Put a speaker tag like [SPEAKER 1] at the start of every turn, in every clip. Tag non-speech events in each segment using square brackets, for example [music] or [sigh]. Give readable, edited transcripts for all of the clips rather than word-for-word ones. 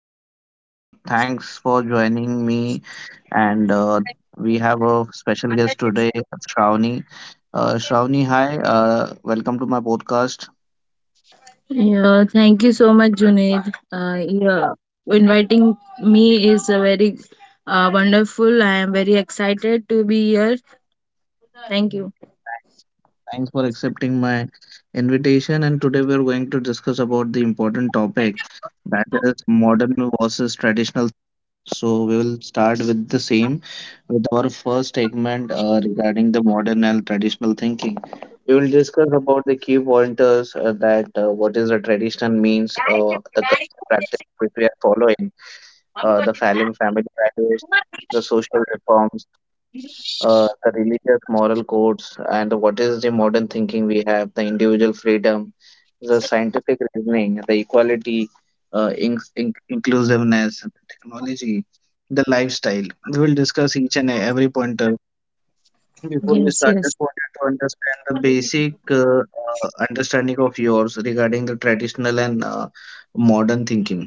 [SPEAKER 1] Thanks for joining me, and we have a special guest today, Shravani. Shravani, hi. Welcome to my podcast.
[SPEAKER 2] Yeah, thank you so much, Junaid. Yeah, inviting me is a very wonderful. I am very excited to be here. Thank you.
[SPEAKER 1] Yes, thanks for accepting my invitation. And today we're going to discuss about the important topic, that is modern versus traditional. So we will start with the same with our first segment, regarding the modern and traditional thinking. We will discuss about the key pointers, that what is the tradition means, the culture practice which we are following, family values, the social reforms, the religious moral codes, and what is the modern thinking we have: the individual freedom, the scientific reasoning, the equality, inclusiveness, the technology, the lifestyle. We will discuss each and every pointer. Before we
[SPEAKER 2] Yes,
[SPEAKER 1] start,
[SPEAKER 2] yes.
[SPEAKER 1] just wanted to understand the basic understanding of yours regarding the traditional and modern thinking.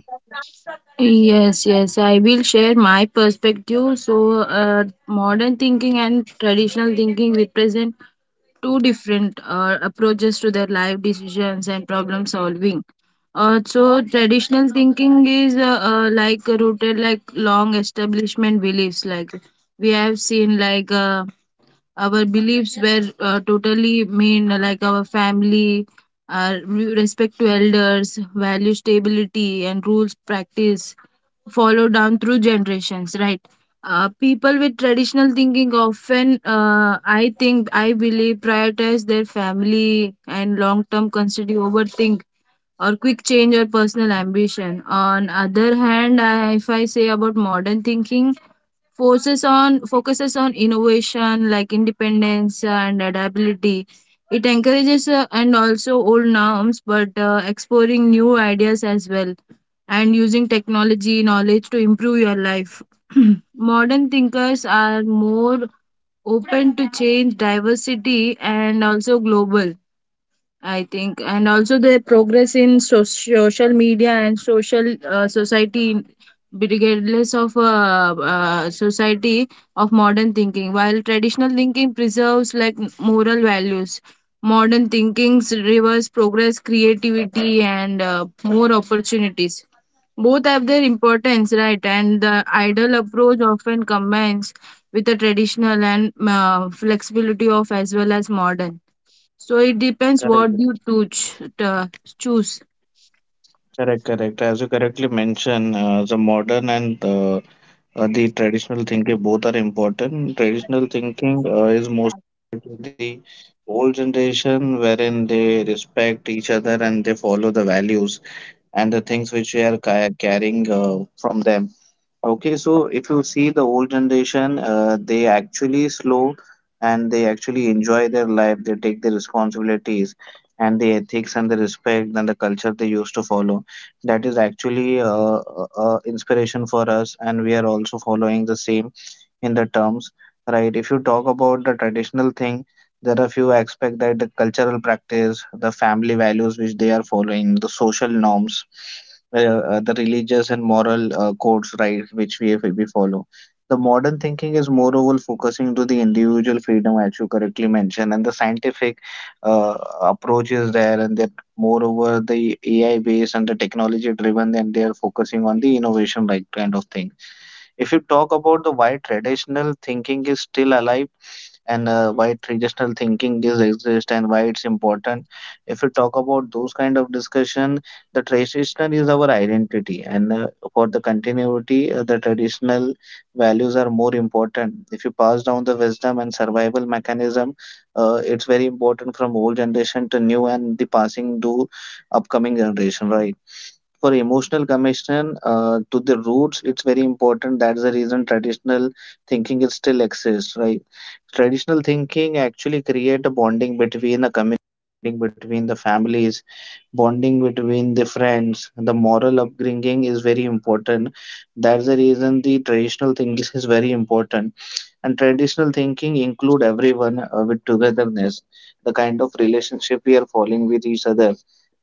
[SPEAKER 2] Yes, yes, I will share my perspective. So, modern thinking and traditional thinking represent two different approaches to their life decisions and problem solving. So traditional thinking is like rooted like long establishment beliefs like we have seen like our beliefs were totally mean, like our family, our respect to elders, value stability, and rules practice followed down through generations, right? People with traditional thinking often I believe prioritize their family and long term constantly overthink or quick change or personal ambition. On other hand, if I say about modern thinking, focuses on innovation like independence and adaptability. It encourages and also old norms, but exploring new ideas as well and using technology knowledge to improve your life. [clears throat] Modern thinkers are more open to change, diversity, and also global. I think, and also the progress in social media and social society, in- regardless of society of modern thinking. While traditional thinking preserves like moral values, modern thinkings reverse progress, creativity, and more opportunities. Both have their importance, right? And the ideal approach often combines with the traditional and flexibility of as well as modern, so it depends what
[SPEAKER 1] Correct,
[SPEAKER 2] you choose. Choose.
[SPEAKER 1] correct, correct. As you correctly mentioned, the modern and the traditional thinking both are important. Traditional thinking is most to the old generation, wherein they respect each other and they follow the values and the things which we are carrying from them. Okay, so if you see the old generation, they actually slow and they actually enjoy their life. They take the responsibilities and the ethics and the respect and the culture they used to follow. That is actually inspiration for us, and we are also following the same in the terms, right? If you talk about the traditional thing, there are few aspects: that the cultural practice, the family values which they are following, the social norms, the religious and moral codes, right, which we follow. The modern thinking is moreover focusing to the individual freedom, as you correctly mentioned, and the scientific uh, approach is there, and that moreover the AI based and the technology driven, and they are focusing on the innovation, right, kind of thing. If you talk about the why traditional thinking is still alive, and why traditional thinking is exist and why it's important, if you talk about those kind of discussion, the traditional is our identity and, for the continuity, the traditional values are more important. If you pass down the wisdom and survival mechanism, it's very important from old generation to new and the passing to upcoming generation, right? For emotional connection to the roots, it's very important. That's the reason traditional thinking is still exists, right? Traditional thinking actually create a bonding between a community, bonding between the families, bonding between the friends. The moral upbringing is very important. That's the reason the traditional thinking is very important. And traditional thinking include everyone with togetherness, the kind of relationship we are following with each other.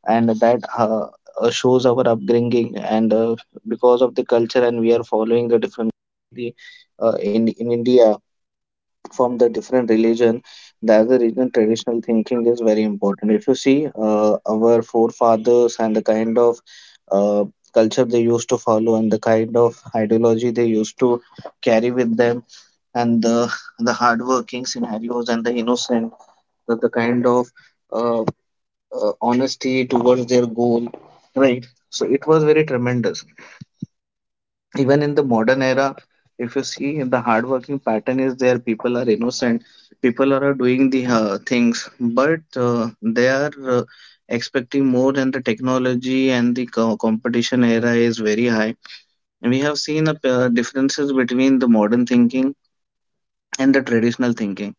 [SPEAKER 1] And that, shows our upbringing, and, because of the culture, and we are following the different, the, in India, from the different religion, that's the reason traditional thinking is very important. If you see, our forefathers and the kind of uh, culture they used to follow and the kind of ideology they used to carry with them, and the hardworking scenarios and the innocent, the kind of uh, honesty towards their goal, right, so it was very tremendous. Even in the modern era, if you see, the hardworking pattern is there, people are innocent, people are doing the things, but they are expecting more, and the technology and the competition era is very high. We have seen a, differences between the modern thinking and the traditional thinking.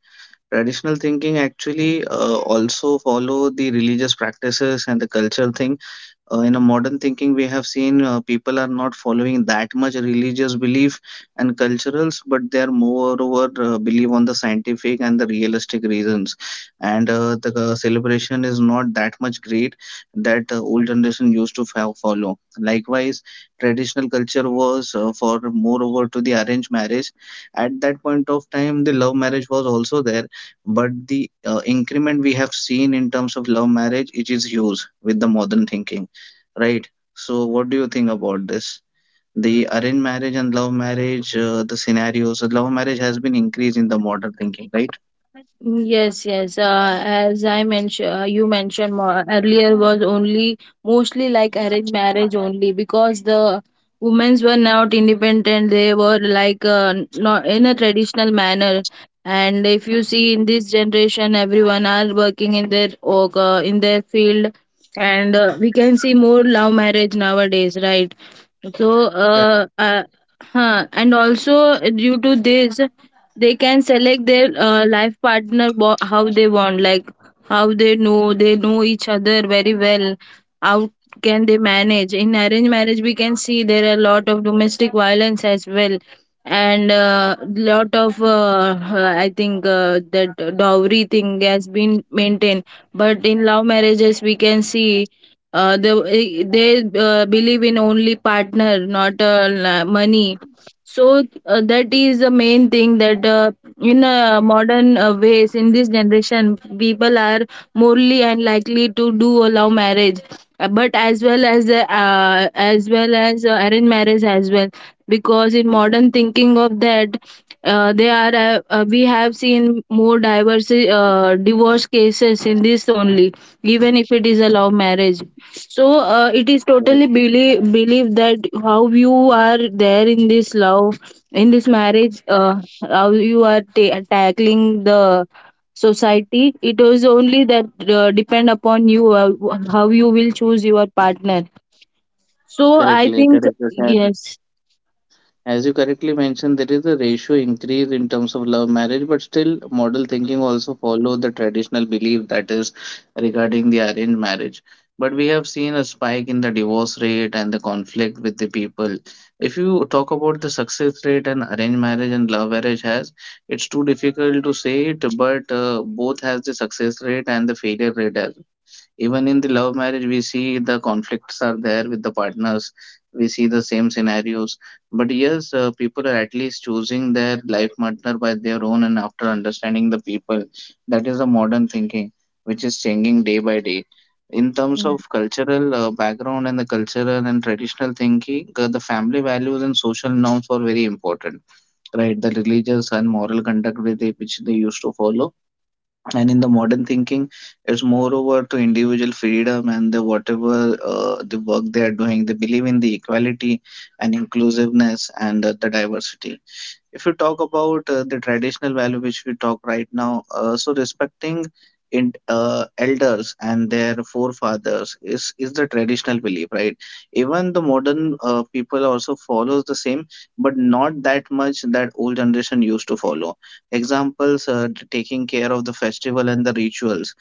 [SPEAKER 1] Traditional thinking actually also follow the religious practices and the culture thing. In a modern thinking, we have seen people are not following that much religious belief and culturals, but they are moreover believe on the scientific and the realistic reasons, and the celebration is not that much great that old generation used to follow. Likewise, traditional culture was for moreover to the arranged marriage. At that point of time, the love marriage was also there, but the increment we have seen in terms of love marriage, it is huge with the modern thinking. Right. So, what do you think about this? The arranged marriage and love marriage, the scenarios, love marriage has been increased in the modern thinking, right?
[SPEAKER 2] Yes, yes. As I mentioned, you mentioned more earlier was only mostly like arranged marriage only, because the women's were not independent. They were like not in a traditional manner. And if you see in this generation, everyone are working in their work, in their field, and we can see more love marriage nowadays, right? So,
[SPEAKER 1] Correct,
[SPEAKER 2] huh. And also, due to this, they can select their life partner, how they want, like how they know each other very well. How can they manage? In arranged marriage, we can see there are a lot of domestic violence as well, and lot of I think that dowry thing has been maintained. But in love marriages, we can see. They they believe in only partner, not money. So that is the main thing that in modern ways in this generation, people are morely unlikely to do allow marriage, but as well as arranged marriage as well, because in modern thinking of that, they are we have seen more diverse divorce cases in this only, even if it is a love marriage. So it is totally believe that how you are there in this love, in this marriage, how you are tackling the society. It was only that depend upon you, how you will choose your partner. So I
[SPEAKER 1] correctly,
[SPEAKER 2] think
[SPEAKER 1] correct.
[SPEAKER 2] yes,
[SPEAKER 1] As you correctly mentioned, there is a ratio increase in terms of love marriage, but still model thinking also follow the traditional belief, that is regarding the arranged marriage. But we have seen a spike in the divorce rate and the conflict with the people. If you talk about the success rate and arranged marriage and love marriage has, it's too difficult to say it, but both has the success rate and the failure rate as well. Even in the love marriage, we see the conflicts are there with the partners. We see the same scenarios. But yes, people are at least choosing their life partner by their own and after understanding the people. That is the modern thinking, which is changing day by day. In terms of cultural background and the cultural and traditional thinking, the family values and social norms were very important, right? The religious and moral conduct with it, which they used to follow, and in the modern thinking it's moreover to individual freedom and the whatever the work they are doing, they believe in the equality and inclusiveness and the diversity. If you talk about the traditional value which we talk right now, so respecting in elders and their forefathers is the traditional belief, right? Even the modern people also follows the same, but not that much that old generation used to follow. Examples, taking care of the festival and the rituals.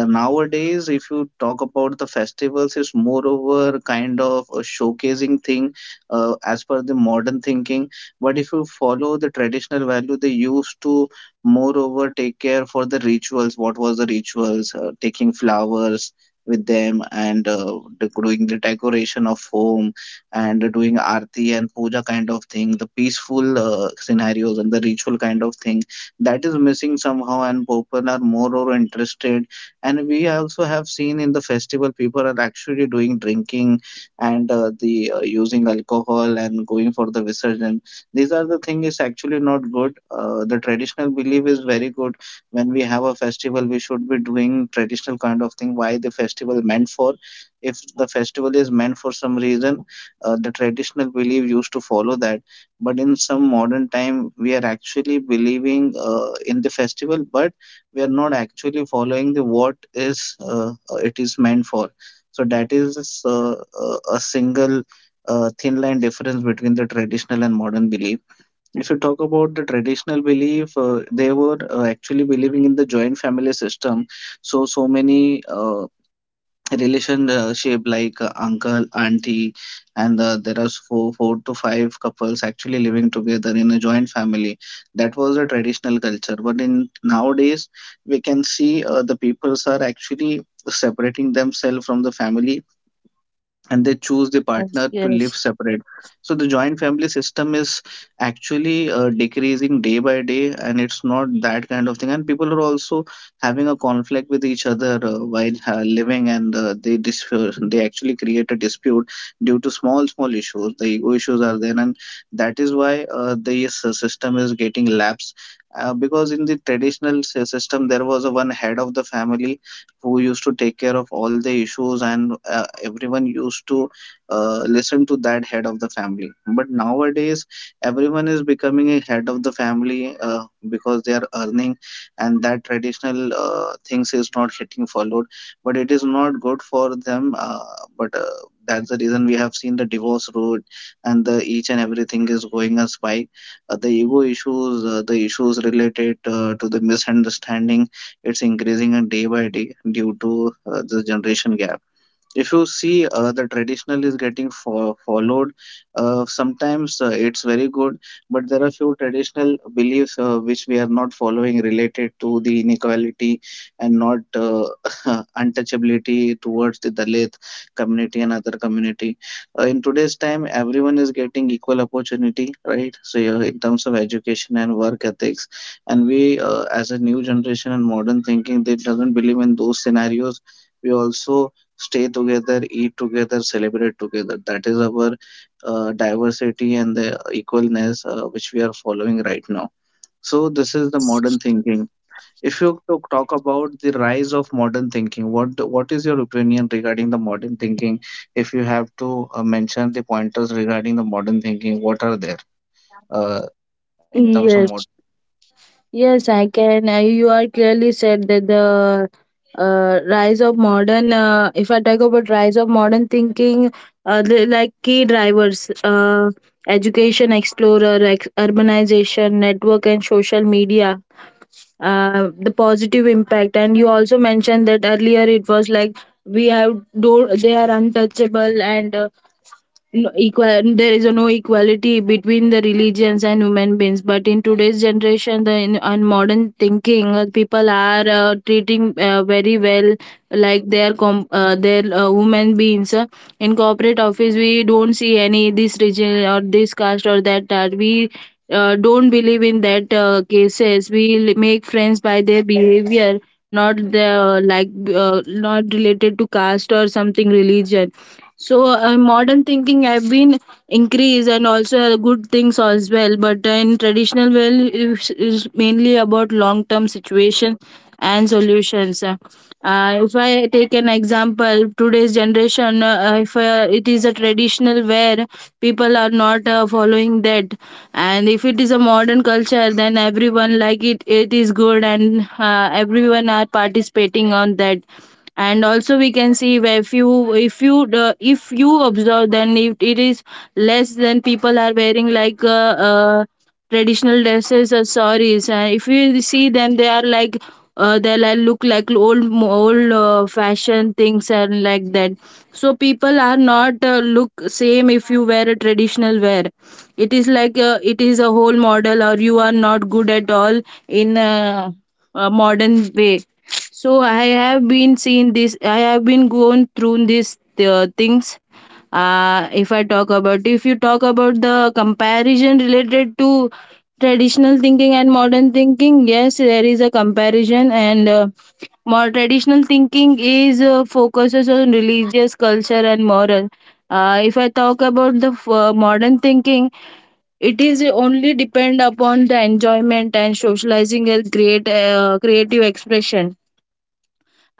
[SPEAKER 1] Nowadays, if you talk about the festivals, it's moreover kind of a showcasing thing, as per the modern thinking. But if you follow the traditional value, they used to moreover take care for the rituals. What was the rituals? Taking flowers with them and doing the decoration of home, and doing arti and puja kind of thing, the peaceful scenarios and the ritual kind of thing, that is missing somehow, and people are more or interested. And we also have seen in the festival, people are actually doing drinking and the using alcohol and going for the visarjan. These are the thing is actually not good. The traditional belief is very good. When we have a festival, we should be doing traditional kind of thing. Why the festival meant for? If the festival is meant for some reason, the traditional belief used to follow that. But in some modern time, we are actually believing in the festival, but we are not actually following the what is it is meant for. So that is a single thin line difference between the traditional and modern belief. If you talk about the traditional belief, they were actually believing in the joint family system. So, so many relationship like uncle, auntie, and there are four, four to five couples actually living together in a joint family. That was a traditional culture. But in nowadays, we can see the peoples are actually separating themselves from the family and they choose the
[SPEAKER 2] yes,
[SPEAKER 1] partner to
[SPEAKER 2] yes,
[SPEAKER 1] live separate. So the joint family system is actually decreasing day by day, and it's not that kind of thing. And people are also having a conflict with each other while living, and they actually create a dispute due to small small issues. The ego issues are there, and that is why the system is getting lapsed. Because in the traditional system, there was a one head of the family who used to take care of all the issues, and everyone used to listen to that head of the family. But nowadays everyone is becoming a head of the family, because they are earning, and that traditional things is not getting followed. But it is not good for them, but that's the reason we have seen the divorce road and the each and everything is going a spike. The ego issues, the issues related to the misunderstanding, it's increasing day by day due to the generation gap. If you see, the traditional is getting followed sometimes, it's very good, but there are few traditional beliefs which we are not following, related to the inequality and not [laughs] untouchability towards the Dalit community and other community. In today's time everyone is getting equal opportunity, right? So yeah, in terms of education and work ethics, and we, as a new generation and modern thinking, they doesn't believe in those scenarios. We also stay together, eat together, celebrate together. That is our diversity and the equalness which we are following right now. So this is the
[SPEAKER 2] yes,
[SPEAKER 1] modern thinking. If you to talk about the rise of modern thinking, what is your opinion regarding the modern thinking? If you have to mention the pointers regarding the modern thinking, what are there uh, in terms of modern?
[SPEAKER 2] yes. Yes, I can. You are clearly said that the rise of modern. If I talk about rise of modern thinking, the, like key drivers, education explorer, urbanization, network, and social media, the positive impact. And you also mentioned that earlier. It was like we have do they are untouchable and no, equal, there is no equality between the religions and human beings, but in today's generation the in, and modern thinking people are treating very well like their their human beings. In corporate office we don't see any this region or this caste or that, that we don't believe in that cases. We make friends by their behavior, not the like not related to caste or something religion. So modern thinking have been increased and also good things as well. But in traditional well is mainly about long term situation and solutions. If I take an example, today's generation, if it is a traditional where people are not following that, and if it is a modern culture, then everyone like it. It is good, and everyone are participating on that. And also we can see where if you observe, then if it is less, then people are wearing like traditional dresses or saris, and if you see them, they are like they like look like old fashion things and like that. So people are not look same. If you wear a traditional wear, it is like it is a whole model or you are not good at all in a modern way. So I have been seen this, I have been going through these things. If you talk about the comparison related to traditional thinking and modern thinking, yes, there is a comparison, and more traditional thinking is focuses on religious culture and moral. If I talk about the modern thinking, it is only depend upon the enjoyment and socializing as great creative expression.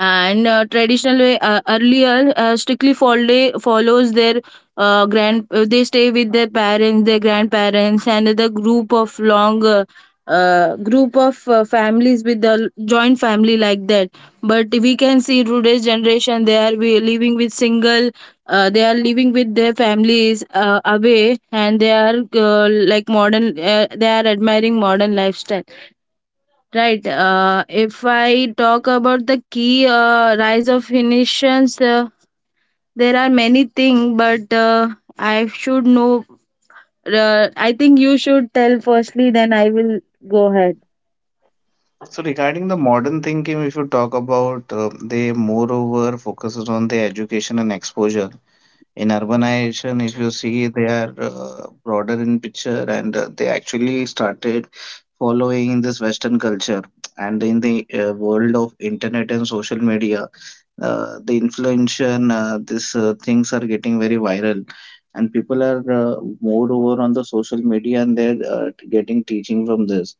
[SPEAKER 2] And traditionally earlier strictly follows their grand they stay with their parents, their grandparents, and the group of long group of families with the joint family, like that. But we can see today's generation, they are living with single, they are living with their families away, and they are like modern, they are admiring modern lifestyle. Right. If I talk about the key rise of Phoenicians, there are many things, but I should know. I think you should tell firstly, then I will go ahead.
[SPEAKER 1] So regarding the modern thinking, if you talk about, they moreover focuses on the education and exposure. In urbanization, if you see, they are broader in picture, and they actually started following this Western culture. And in the world of internet and social media, the influence and these things are getting very viral. And people are more over on the social media, and they're getting teaching from this.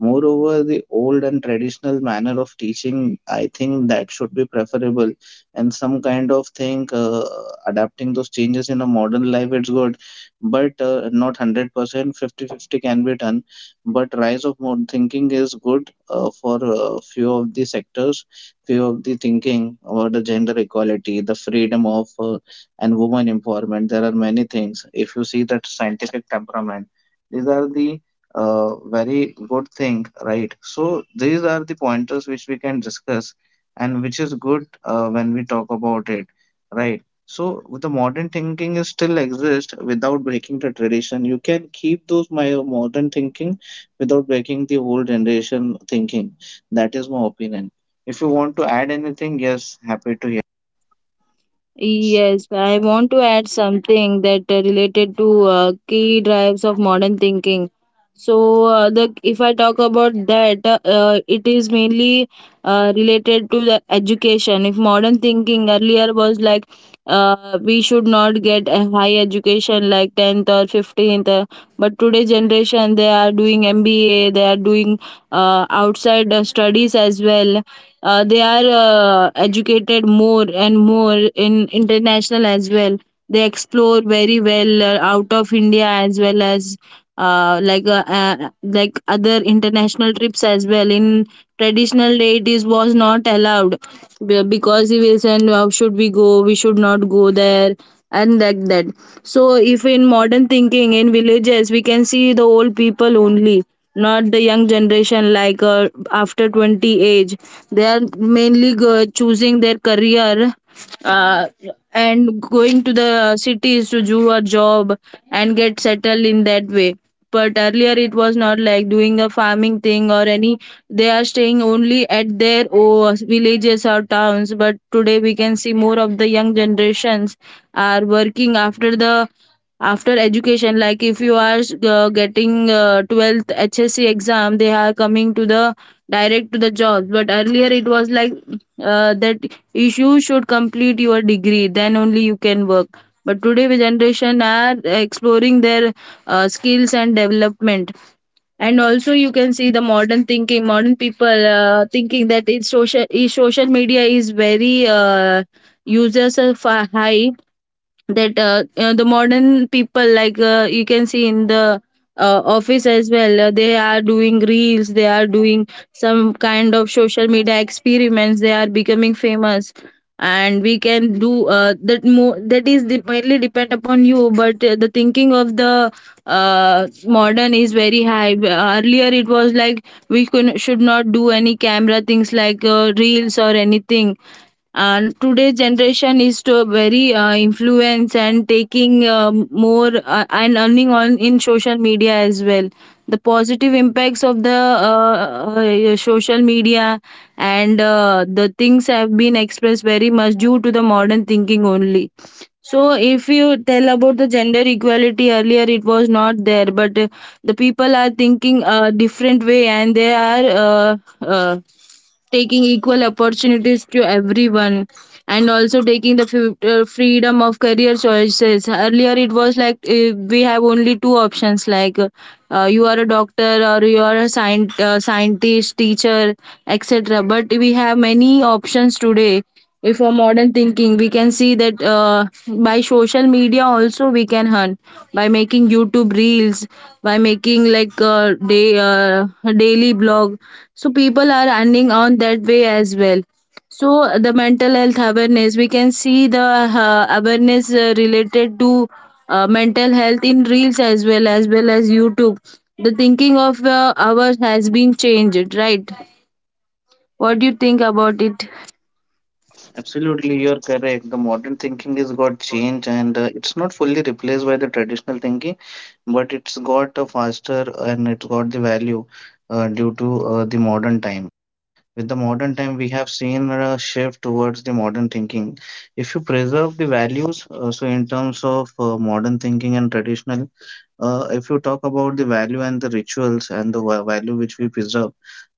[SPEAKER 1] Moreover, the old and traditional manner of teaching, I think that should be preferable. And some kind of thing, adapting those changes in a modern life, it's good, but not 100%, percent Fifty-fifty can be done. But rise of modern thinking is good for few of the sectors, few of the thinking about the gender equality, the freedom of, and woman empowerment. There are many things. If you see that scientific temperament, these are the very good thing, right? So these are the pointers which we can discuss and which is good, when we talk about it, right? So the modern thinking is still exist without breaking the tradition. You can keep those my modern thinking without breaking the old generation thinking. That is my opinion. If you want to add anything, yes, happy to hear.
[SPEAKER 2] Yes, I want to add something that related to key drives of modern thinking. So, the if I talk about that, it is mainly related to the education. If modern thinking earlier was like we should not get a high education like 10th or 15th, but today generation they are doing MBA, they are doing outside studies as well. They are educated more and more in international as well. They explore very well out of india as well as like other international trips as well. In traditional day it is was not allowed, because he will send, how should we go, we should not go there, and like that. So, if in modern thinking in villages, we can see the old people only, not the young generation like after 20 age. They are mainly choosing their career uh, and going to the cities to do a job and get settled in that way. But earlier it was not like doing a farming thing or any. They are staying only at their oh, villages or towns. But today we can see more of the young generations are working after education, like if you are getting 12th hsc exam, they are coming to the direct to the job. But earlier it was like that you should complete your degree, then only you can work. But today the generation are exploring their skills and development. And also you can see the modern thinking, modern people thinking that it's social media is very users are high. That the modern people like you can see in the office as well, they are doing reels, they are doing some kind of social media experiments, they are becoming famous. And we can do that mo- that is de- mainly depend upon you. But the thinking of the modern is very high. Earlier it was like should not do any camera things like reels or anything, and today's generation is to very influence and taking more and earning on in social media as well. The positive impacts of the social media and the things have been expressed very much due to the modern thinking only. So if you tell about the gender equality, earlier it was not there, but the people are thinking a different way, and they are taking equal opportunities to everyone. And also taking the freedom of career choices, earlier it was like we have only two options, like you are a doctor or you are a scientist, teacher, etc. But we have many options today. If for modern thinking, we can see that by social media also we can earn by making youtube reels, by making like day daily blog. So people are earning on that way as well. So the mental health awareness, we can see the awareness related to mental health in reels as well as youtube. The thinking of ours has been changed, right? What do you think about it?
[SPEAKER 1] Absolutely, you're correct. The modern thinking is got changed, and it's not fully replaced by the traditional thinking, but it's got faster and it's got the value due to the modern time. With the modern time, we have seen a shift towards the modern thinking. If you preserve the values, so in terms of modern thinking and traditional, if you talk about the value and the rituals and the value which we preserve,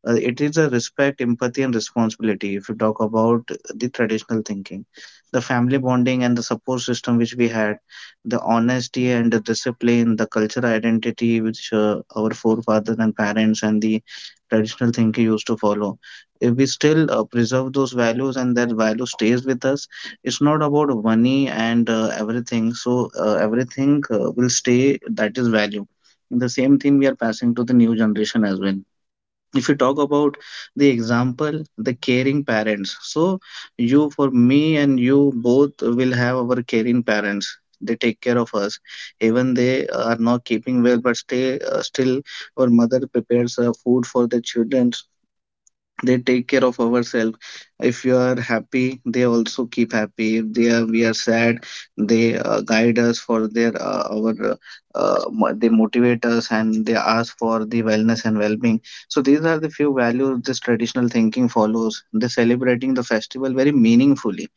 [SPEAKER 1] it is a respect, empathy, and responsibility. If you talk about the traditional thinking, the family bonding and the support system which we had, the honesty and the discipline, the cultural identity which our forefathers and parents and the traditional thinking used to follow. If we still preserve those values and that value stays with us, it's not about money and everything, so everything will stay. That is value, the same thing we are passing to the new generation as well. If you talk about the example, the caring parents, so you for me, and you both will have our caring parents. They take care of us, even they are not keeping well, but stay, still our mother prepares food for the children. They take care of ourselves. If you are happy, they also keep happy. If they are we are sad, they guide us for their, our, they motivate us, and they ask for the wellness and well-being. So these are the few values this traditional thinking follows. They celebrating the festival very meaningfully.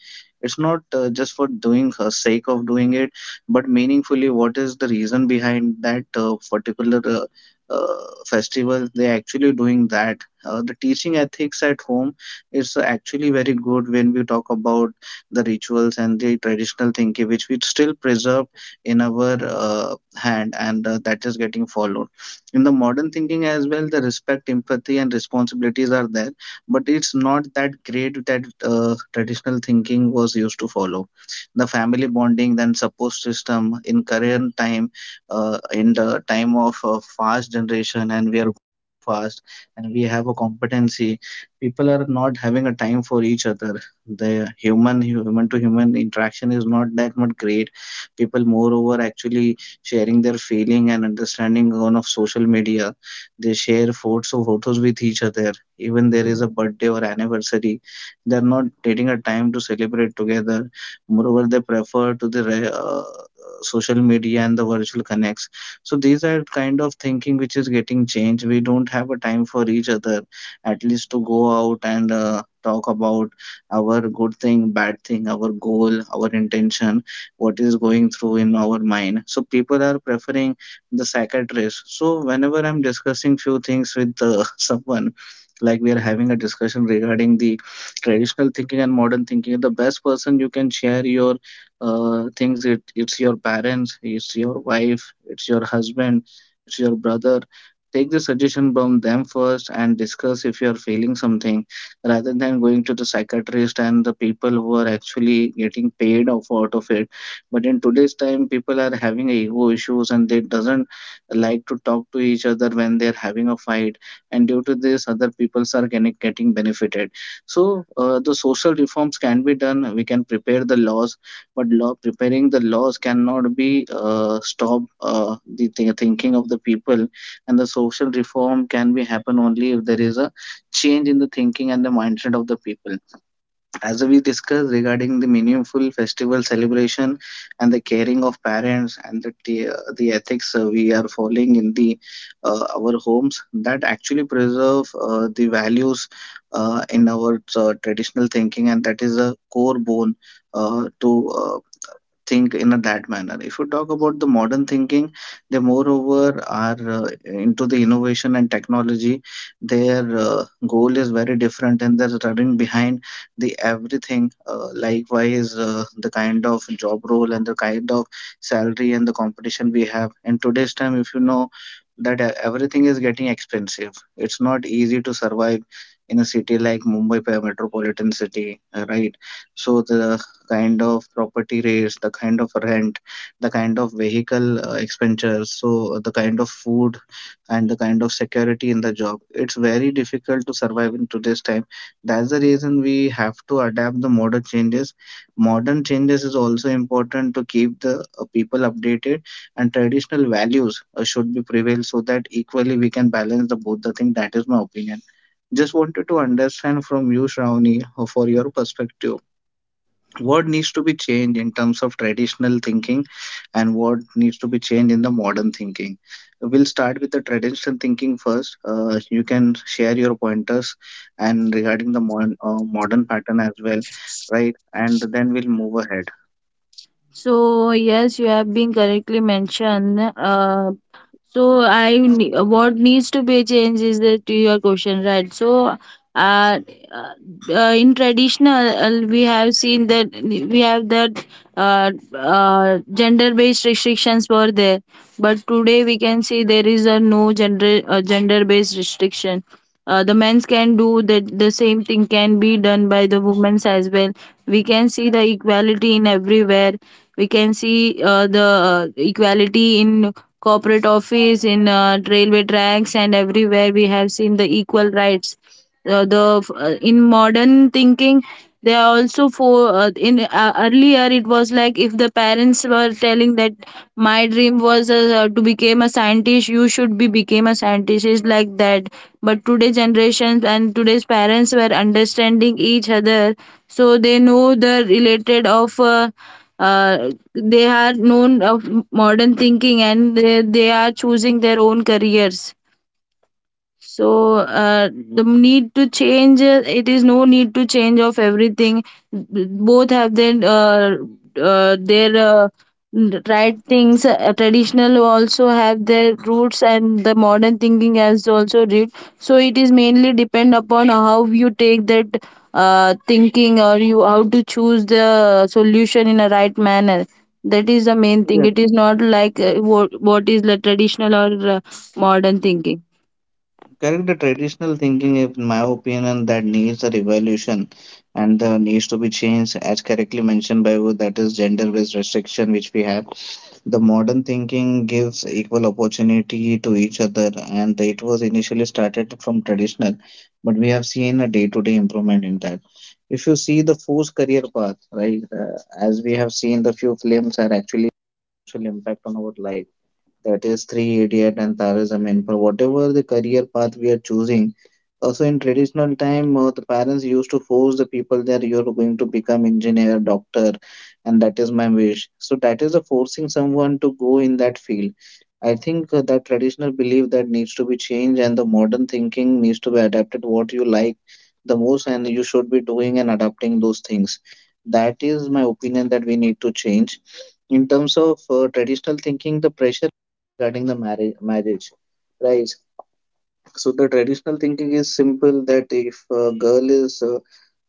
[SPEAKER 1] It's not just for doing sake of doing it, but meaningfully, what is the reason behind that particular festival they actually doing that. The teaching ethics at home is actually very good when we talk about the rituals and the traditional thinking, which we still preserve in our hand, and that is getting followed. In the modern thinking as well, the respect, empathy, and responsibilities are there, but it's not that great that traditional thinking was used to follow. The family bonding, then support system in current time, in the time of fast generation, and we are fast, and we have a competency. People are not having a time for each other. The human to human interaction is not that much great. People moreover actually sharing their feeling and understanding on of social media. They share photos of photos with each other, even there is a birthday or anniversary, they're not taking a time to celebrate together. Moreover, they prefer to the social media and the virtual connects. So these are kind of thinking which is getting changed. We don't have a time for each other, at least to go out and talk about our good thing, bad thing, our goal, our intention, what is going through in our mind. So people are preferring the psychiatrist. So whenever I'm discussing few things with [laughs] someone, like we are having a discussion regarding the traditional thinking and modern thinking, the best person you can share your things, it's your parents, it's your wife, it's your husband, it's your brother. Take the suggestion from them first, and discuss if you're feeling something, rather than going to the psychiatrist and the people who are actually getting paid off out of it. But in today's time, people are having ego issues and they doesn't like to talk to each other when they're having a fight, and due to this other peoples are getting benefited. So the social reforms can be done. We can prepare the laws, but law preparing the laws cannot be stop, the thinking of the people, and the social reform can be happen only if there is a change in the thinking and the mindset of the people, as we discussed regarding the meaningful festival celebration and the caring of parents and the the ethics we are following in the our homes, that actually preserve the values in our traditional thinking, and that is a core bone to uh, think in a that manner. If you talk about the modern thinking, they moreover are into the innovation and technology. Their goal is very different, and they're running behind the everything, likewise the kind of job role and the kind of salary and the competition we have in today's time. If you know that everything is getting expensive, it's not easy to survive in a city like Mumbai, metropolitan city, right? So the kind of property rates, the kind of rent, the kind of vehicle expenditures, so the kind of food and the kind of security in the job, it's very difficult to survive in today's time. That's the reason we have to adapt the modern changes. Modern changes is also important to keep the people updated, and traditional values should be prevail, so that equally we can balance the both the thing. That is my opinion. Just wanted to understand from you, Shravani, for your perspective, what needs to be changed in terms of traditional thinking, and what needs to be changed in the modern thinking. We'll start with the traditional thinking first, you can share your pointers, and regarding the modern, modern pattern as well, right? And then we'll move ahead.
[SPEAKER 2] So yes, you have been correctly mentioned. What needs to be changed is that to your question, right? Uh, in traditional, we have seen that we have that gender-based restrictions were there, but today we can see there is a no gender-based restriction. The men's can do that, the same thing can be done by the women's as well. We can see the equality in everywhere. We can see the equality in corporate office, in railway tracks, and everywhere we have seen the equal rights. The In modern thinking, they are also for in earlier it was like if the parents were telling that my dream was to become a scientist, you should be become a scientist, is like that. But today generations and today's parents were understanding each other, so they know the related of they are known of modern thinking, and they are choosing their own careers. So the need to change, it is no need to change of everything. Both have their uh, their uh, right things. Traditional also have their roots, and the modern thinking has also root. So it is mainly depend upon how you take that thinking, or you how to choose the solution in a right manner. That is the main
[SPEAKER 1] Yes,
[SPEAKER 2] thing. It is not like what is the traditional or modern thinking.
[SPEAKER 1] correct. The traditional thinking, in my opinion, that needs a revolution and needs to be changed, as correctly mentioned by you, that is gender-based restriction which we have. The modern thinking gives equal opportunity to each other, and it was initially started from traditional, but we have seen a day-to-day improvement in that. If you see the forced career path, right, as we have seen, the few films are actually social impact on our life, that is 388 and Taoism. And for whatever the career path we are choosing, also in traditional time, the parents used to force the people that you're going to become engineer, doctor, and that is my wish. So that is a forcing someone to go in that field. I think that traditional belief that needs to be changed, and the modern thinking needs to be adapted what you like the most and you should be doing and adapting those things. That is my opinion that we need to change. In terms of traditional thinking, the pressure regarding the marriage, right? So the traditional thinking is simple that if a girl is uh,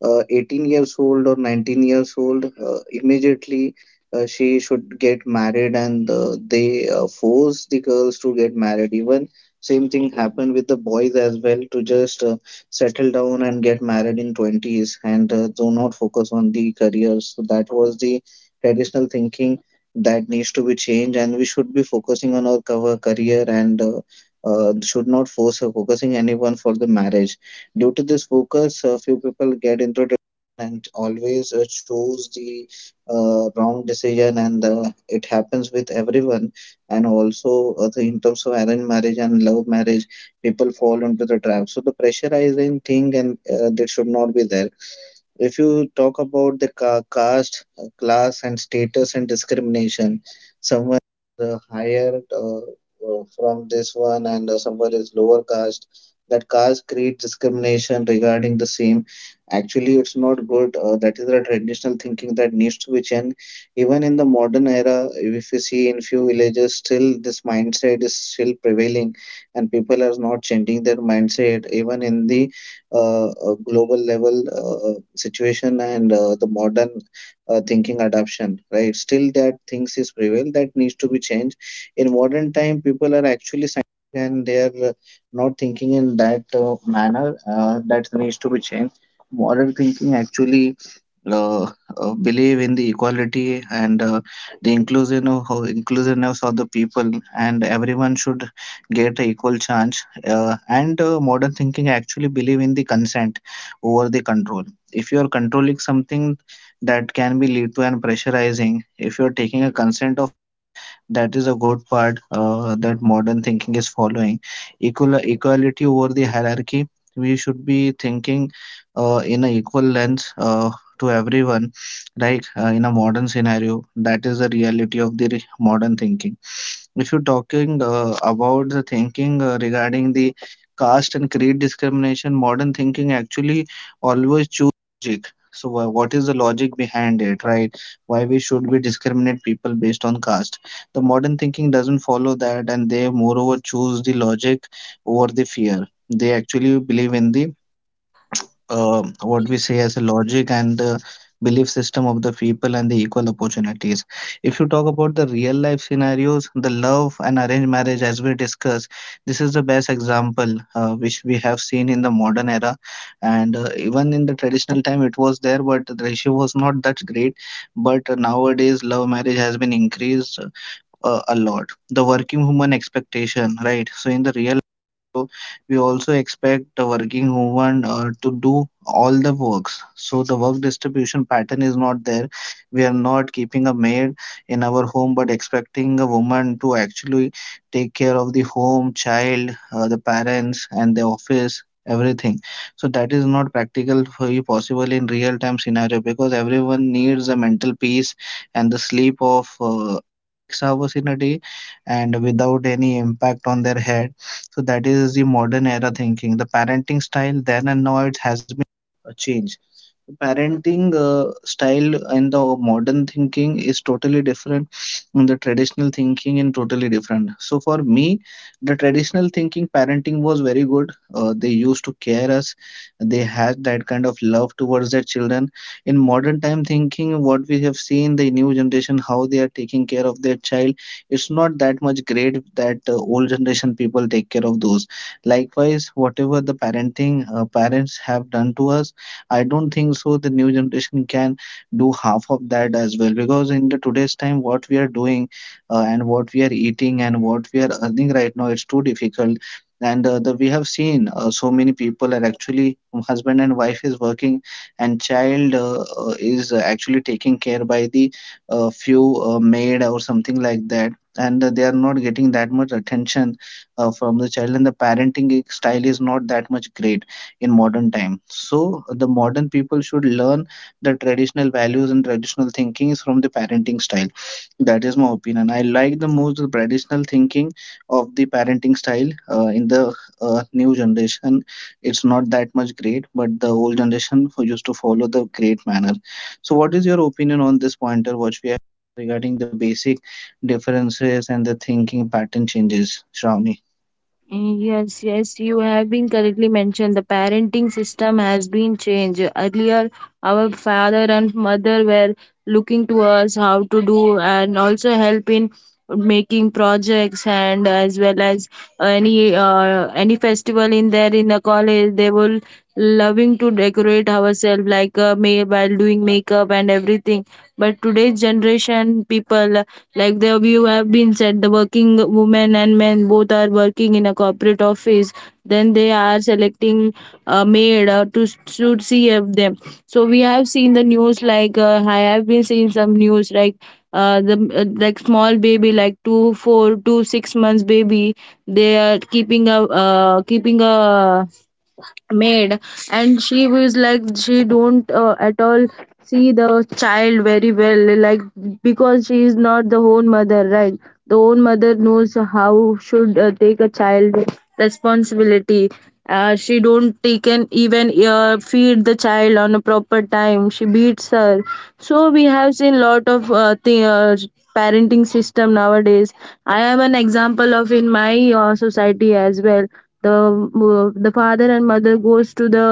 [SPEAKER 1] uh, 18 years old or 19 years old, immediately she should get married, and they force the girls to get married. Even same thing happened with the boys as well to just settle down and get married in 20s, and do not focus on the careers. So that was the traditional thinking that needs to be changed, and we should be focusing on our cover career and should not force her focusing anyone for the marriage. Due to this focus, a few people get into depression and always choose the wrong decision, and it happens with everyone. And also, in terms of arranged marriage and love marriage, people fall into the trap. So the pressurizing thing, and that should not be there. If you talk about the caste, class, and status and discrimination, someone is higher from this one, and someone is lower caste, that caste creates discrimination regarding the same. Actually, it's not good. That is the traditional thinking that needs to be changed. Even in the modern era, if you see in few villages, still this mindset is still prevailing, and people are not changing their mindset. Even in the global level situation and the modern thinking adoption, right? Still that things is prevail, that needs to be changed. In modern time, people are actually scientific, and they are not thinking in that manner, that needs to be changed. Modern thinking actually uh, believe in the equality, and the inclusion of how inclusiveness of the people, and everyone should get a equal chance, and modern thinking actually believe in the consent over the control. If you are controlling something, that can be lead to an pressurizing. If you are taking a consent of, that is a good part that modern thinking is following. Equal equality over the hierarchy. We should be thinking in an equal lens to everyone, right? In a modern scenario, that is the reality of the modern thinking. If you're talking about the thinking regarding the caste and creed discrimination, modern thinking actually always choose logic. So, what is the logic behind it, right? Why we should be discriminate people based on caste? The modern thinking doesn't follow that, and they moreover choose the logic over the fear. They actually believe in the what we say as a logic, and the belief system of the people, and the equal opportunities. If you talk about the real life scenarios, the love and arranged marriage, as we discussed, this is the best example which we have seen in the modern era, and even in the traditional time it was there, but the ratio was not that great. But nowadays love marriage has been increased a lot. The working woman expectation, right? So in the real, we also expect the working woman to do all the works, so the work distribution pattern is not there. We are not keeping a maid in our home, but expecting a woman to actually take care of the home, child, the parents, and the office, everything. So that is not practical for you, possible in real time scenario, because everyone needs a mental peace and the sleep of 6 hours in a day, and without any impact on their head. So that is the modern era thinking. The parenting style then and now, it has been a change. So parenting style and the modern thinking is totally different, and the traditional thinking and totally different. So for me, the traditional thinking parenting was very good. They used to care us. They had that kind of love towards their children. In modern time thinking, what we have seen, the new generation how they are taking care of their child, it's not that much great that old generation people take care of those. Likewise, whatever the parenting parents have done to us, I don't think so the new generation can do half of that as well, because in the today's time what we are doing and what we are eating and what we are earning right now, it's too difficult. And we have seen so many people are actually husband and wife is working, and child is actually taking care by the few maid or something like that, and they are not getting that much attention from the child, and the parenting style is not that much great in modern time. So the modern people should learn the traditional values and traditional thinkings from the parenting style. That is my opinion. I like the most the traditional thinking of the parenting style in the new generation. It's not that much great, but the old generation who used to follow the great manner. So what is your opinion on this pointer, what we have, regarding the basic differences and the thinking pattern changes, Shravani?
[SPEAKER 2] Yes, yes, you have been correctly mentioned. The parenting system has been changed. Earlier, our father and mother were looking to us how to do and also help in making projects, and as well as any festival in there in the college, they will loving to decorate ourselves like may while doing makeup and everything. But today's generation people, like the you have been said, the working women and men both are working in a corporate office, then they are selecting a maid to see of them. So we have seen the news like I have been seeing some news like the like small baby, like two four two six months baby, they are keeping a uh, keeping a maid. And she was like she don't at all see the child very well, like because she is not the own mother, right? The own mother knows how should take a child responsibility. She don't take an even feed the child on a proper time, she beats her. So we have seen lot of parenting system nowadays. I have an example of in my society as well. The father and mother goes to the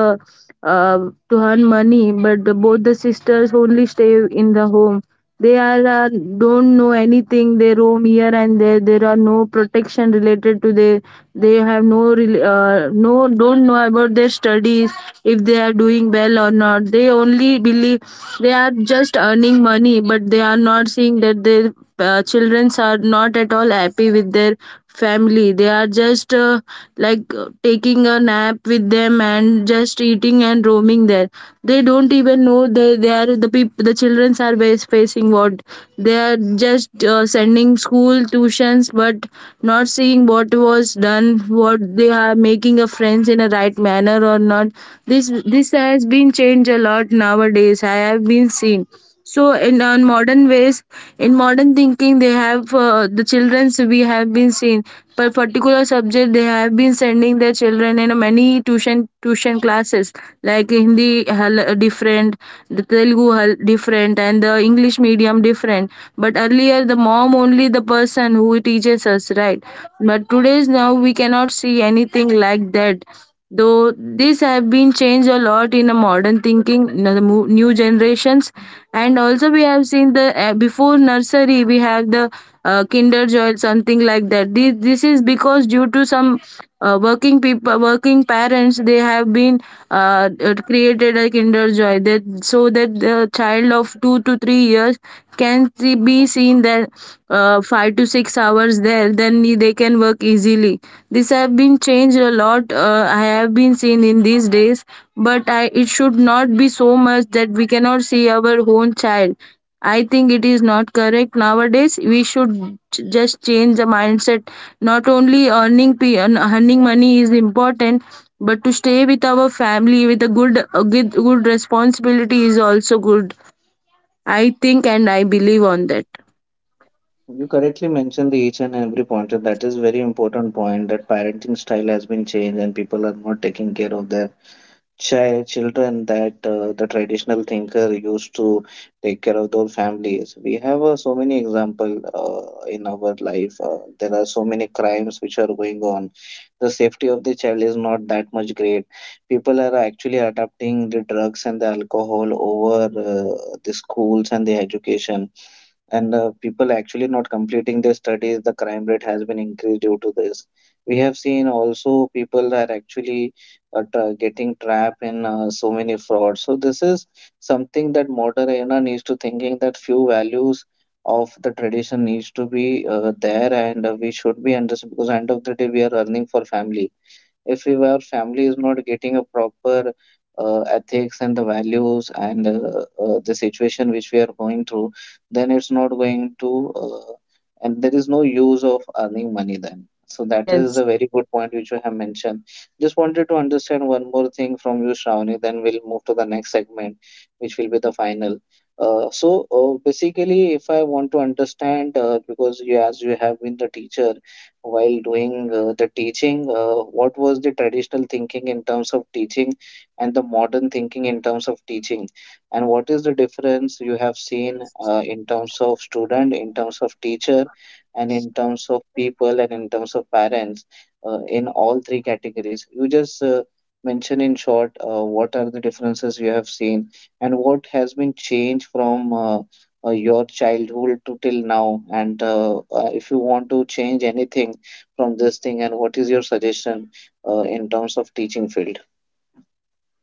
[SPEAKER 2] uh, to earn money, but both the sisters only stay in the home. They are don't know anything. They roam here and there. There are no protection related to their. They have no no don't know about their studies if they are doing well or not. They only believe they are just earning money, but they are not seeing that they children are not at all happy with their family. They are just taking a nap with them and just eating and roaming there. They don't even know, they are the people, the children are facing what. They are just sending school tuitions but not seeing what was done, what they are making a friends in a right manner or not. This has been changed a lot nowadays, I have been seen. So in on modern ways, in modern thinking, they have the children's, we have been seen per particular subject, they have been sending their children in many tuition classes, like different, the different, and the English medium different. But earlier, the mom only the person who teaches us, right? But today's now we cannot see anything like that, though. This have been changed a lot in a modern thinking in the new generations. And also we have seen the before nursery we have the kinder joy, something like that. This is because due to some working people, working parents, they have been created a kinder joy, that so that the child of 2 to 3 years can be seen that 5 to 6 hours there, then they can work easily. This have been changed a lot, I have been seen in these days. But I, it should not be so much that we cannot see our own child. I think it is not correct nowadays. We should just change the mindset. Not only earning money is important, but to stay with our family with a good responsibility is also good. I think and I believe on that.
[SPEAKER 1] You correctly mentioned the each and every pointer. That is very important point, that parenting style has been changed and people are not taking care of their children, that the traditional thinker used to take care of those families. We have so many example in our life. There are so many crimes which are going on. The safety of the child is not that much great. People are actually adopting the drugs and the alcohol over the schools and the education, and people actually not completing their studies. The crime rate has been increased due to this. We have seen also people are actually getting trapped in so many frauds. So this is something that modern era needs to thinking, that few values of the tradition needs to be there, and we should be understood, because end of the day we are earning for family. If we our family is not getting a proper ethics and the values, and the situation which we are going through, then it's not going to uh, and there is no use of earning money then. So that is a very good point which you have mentioned. Just wanted to understand one more thing from you, Shravani, then we'll move to the next segment, which will be the final. uh, so basically, if I want to understand because you, as you have been the teacher, while doing the teaching, what was the traditional thinking in terms of teaching and the modern thinking in terms of teaching? And what is the difference you have seen in terms of student, in terms of teacher, and in terms of people, and in terms of parents in all three categories? You just mention in short what are the differences you have seen and what has been changed from your childhood to till now, and if you want to change anything from this thing, and what is your suggestion in terms of teaching field.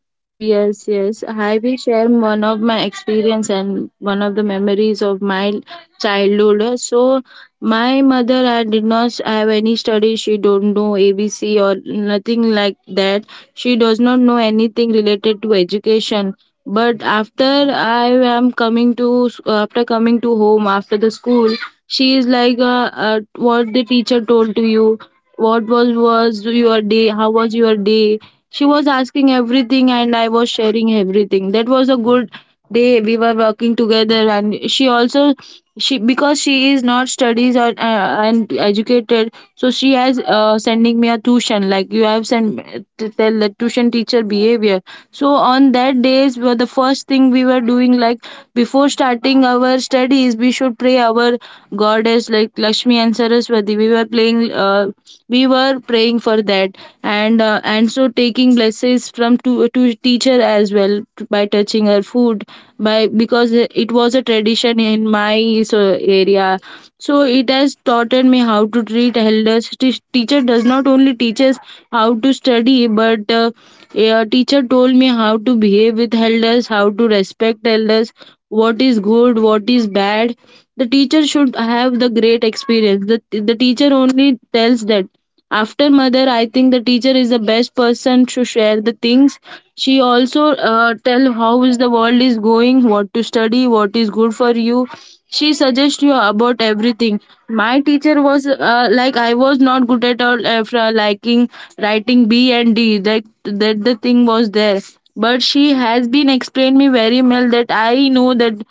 [SPEAKER 2] So yes, yes, I will share one of my experience and one of the memories of my childhood. So my mother, I did not have any study. She don't know ABC or nothing like that. She does not know anything related to education. But after I am coming to s- after coming to home after the school, she is like, what the teacher told to you, what was your day, how was your day. She was asking everything, and I was sharing everything. That was a good, they we were working together. And she also, she because she is not studies or and educated, so she has sending me a tuition like you have sent to tell the tuition teacher behavior. So on that days were the first thing we were doing like, before starting our studies we should pray our goddess like Lakshmi and Saraswati. We were praying for that. And So taking blessings services from to teacher as well by touching her food, by because it was a tradition in my so area. So it has taught me how to treat elders. Teacher does not only teach us how to study, but a teacher told me how to behave with elders, how to respect elders, what is good, what is bad. The teacher should have the great experience. The teacher only tells that. After mother, I think the teacher is the best person to share the things. She also tell how is the world is going, what to study, what is good for you. She suggests you about everything. My teacher was like, I was not good at all after liking writing B and D, like that the thing was there. But she has been explained me very well that I know that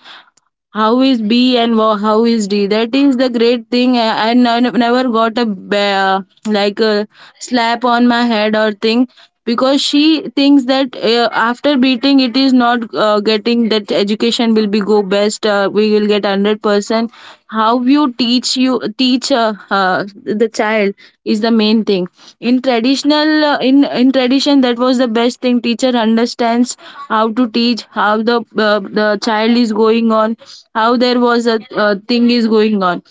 [SPEAKER 2] how is B and how is D. That is the great thing. Never got a like a slap on my head or thing, because she thinks that after beating it is not getting that education will be go best. We will get 100% person. How you teach, you teach the child is the main thing. In traditional, in tradition, that was the best thing. Teacher understands how to teach, how the child is going on, how there was a thing is going on.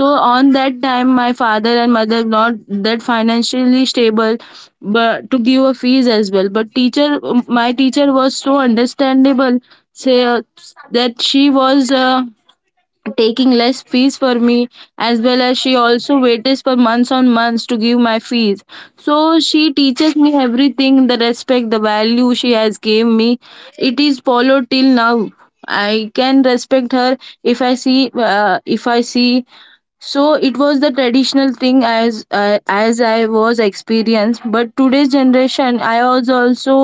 [SPEAKER 2] So on that time, my father and mother not that financially stable but to give a fees as well. But teacher, my teacher was so understandable, say that she was taking less fees for me, as well as she also waited for months on months to give my fees. So she teaches me everything, the respect, the value she has gave me, it is followed till now. I can respect her if I see if I see. So it was the traditional thing as I was experienced. But today's generation, I was also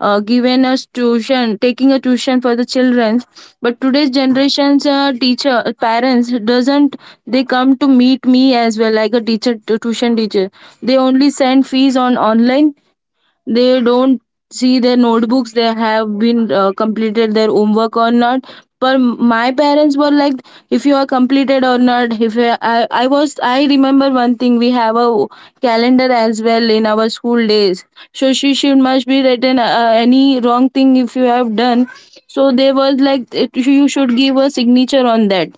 [SPEAKER 2] given a tuition taking a tuition for the children. But today's generation's teacher, parents doesn't, they come to meet me as well like a tuition teacher. They only send fees on online. They don't see their notebooks, they have been completed their homework or not. But my parents were like, if you are completed or not. If you, I was, I remember one thing, we have a calendar as well in our school days. So she should must be written any wrong thing if you have done. So they was like it, you should give a signature on that.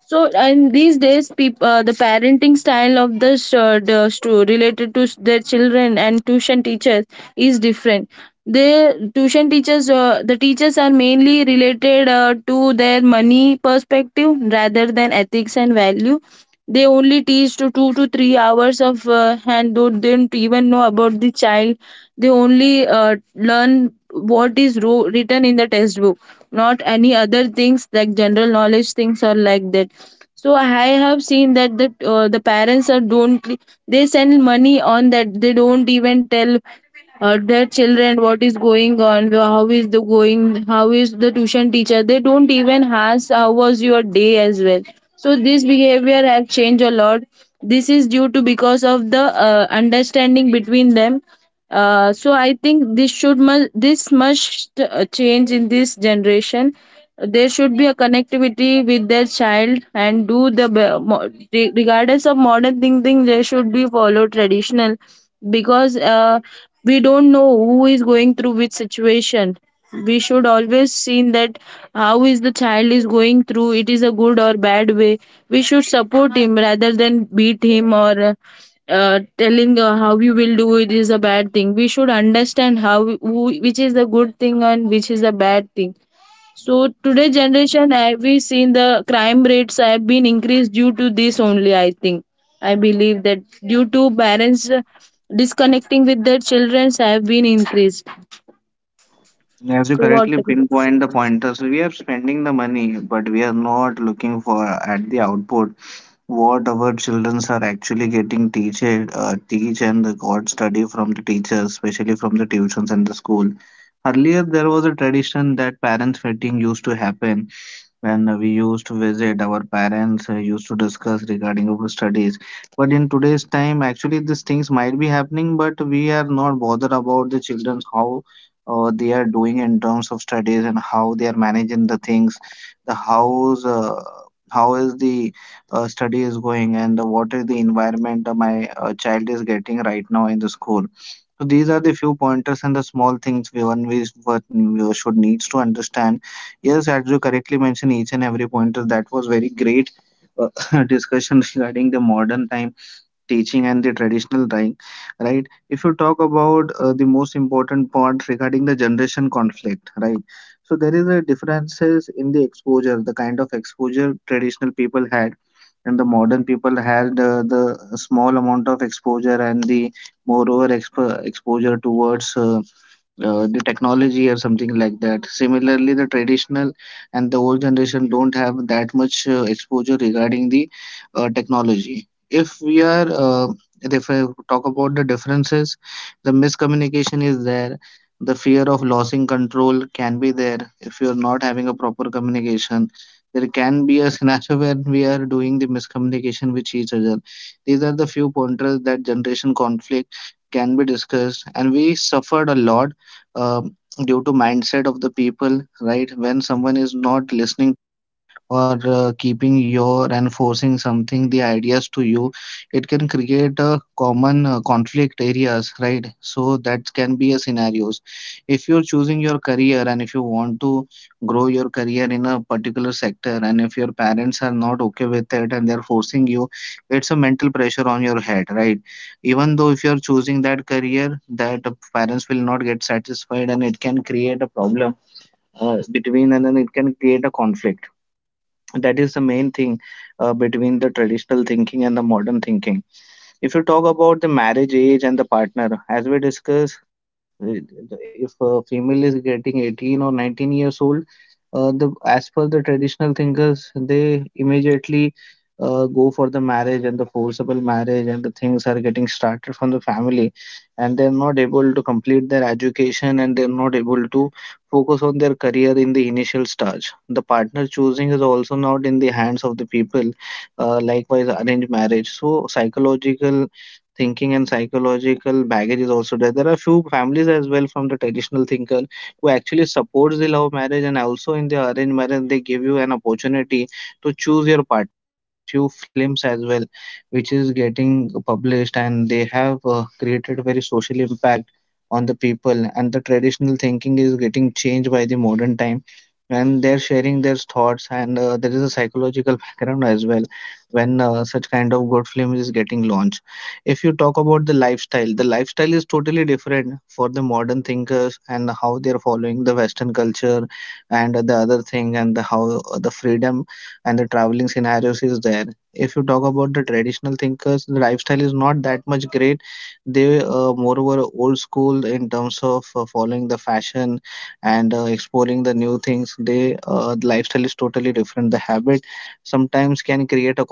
[SPEAKER 2] So, and these days, the parenting style of the, sh- the stu- related to their children and tuition teachers is different. The tuition teachers, the teachers are mainly related to their money perspective rather than ethics and value. They only teach to 2 to 3 hours of, and they don't even know about the child. They only learn what is written in the textbook, not any other things like general knowledge things or like that. So I have seen that the parents are don't, they send money on that, they don't even tell their children what is going on, how is the going, how is the tuition teacher, they don't even ask how was your day as well. So this behavior have changed a lot. This is due to because of the understanding between them. So I think this should this must change in this generation. There should be a connectivity with their child and do the regardless of modern thinking they should be follow traditional, because we don't know who is going through which situation. We should always see that how is the child is going through, it is a good or bad way. We should support him rather than beat him, or telling how you will do, it is a bad thing. We should understand which is the good thing and which is the bad thing. So today generation have we seen the crime rates have been increased due to this only, I think. I believe that due to parents disconnecting with their children have been increased.
[SPEAKER 1] As you
[SPEAKER 2] So what?
[SPEAKER 1] correctly pinpoint the pointers, we are spending the money, but we are not looking for at the output, what our children are actually getting teach and the got study from the teachers, especially from the tuitions and the school. Earlier, there was a tradition that parents' meeting used to happen, when we used to visit our parents used to discuss regarding of studies. But in today's time, actually, these things might be happening, but we are not bothered about the children's, how they are doing in terms of studies, and how they are managing the things, the house how is the study is going, and the, what is the environment my child is getting right now in the school. So these are the few pointers and the small things we what we should needs to understand. Yes, as you correctly mentioned, each and every pointer, that was very great [laughs] discussion regarding the modern time teaching and the traditional time, right? If you talk about the most important part regarding the generation conflict, right? So there is a differences in the exposure, the kind of exposure traditional people had, and the modern people had the small amount of exposure, and the moreover exposure towards the technology or something like that. Similarly, the traditional and the old generation don't have that much exposure regarding the technology. If we are, If I talk about the differences, the miscommunication is there. The fear of losing control can be there if you are not having a proper communication. There can be a [laughs] scenario where we are doing the miscommunication with each other. These are the few pointers that generation conflict can be discussed, and we suffered a lot um due to mindset of the people, right? When someone is not listening or keeping your and forcing something the ideas to you, it can create a common conflict areas, right? So that can be a scenarios if you're choosing your career and if you want to grow your career in a particular sector, and if your parents are not okay with it and they're forcing you, it's a mental pressure on your head, right? Even though if you're choosing that career that parents will not get satisfied, and it can create a problem between, and then it can create a conflict. That is the main thing between the traditional thinking and the modern thinking. If you talk about the marriage age and the partner, as we discuss if a female is getting 18 or 19 years old, the as per the traditional thinkers, they immediately go for the marriage and the forcible marriage, and the things are getting started from the family, and they're not able to complete their education, and they're not able to focus on their career in the initial stage. The partner choosing is also not in the hands of the people, likewise arranged marriage. So psychological thinking and psychological baggage is also there. There are few families as well from the traditional thinker who actually supports the love marriage, and also in the arranged marriage, they give you an opportunity to choose your partner. Few films as well, which is getting published, and they have created very social impact on the people, and the traditional thinking is getting changed by the modern time, and they're sharing their thoughts, and there is a psychological background as well when such kind of good film is getting launched. If you talk about the lifestyle, the lifestyle is totally different for the modern thinkers, and how they're following the Western culture, and the other thing, and the how, the freedom and the traveling scenarios is there. If you talk about the traditional thinkers, the lifestyle is not that much great. They moreover old school in terms of following the fashion, and exploring the new things. They the lifestyle is totally different. The habit sometimes can create a,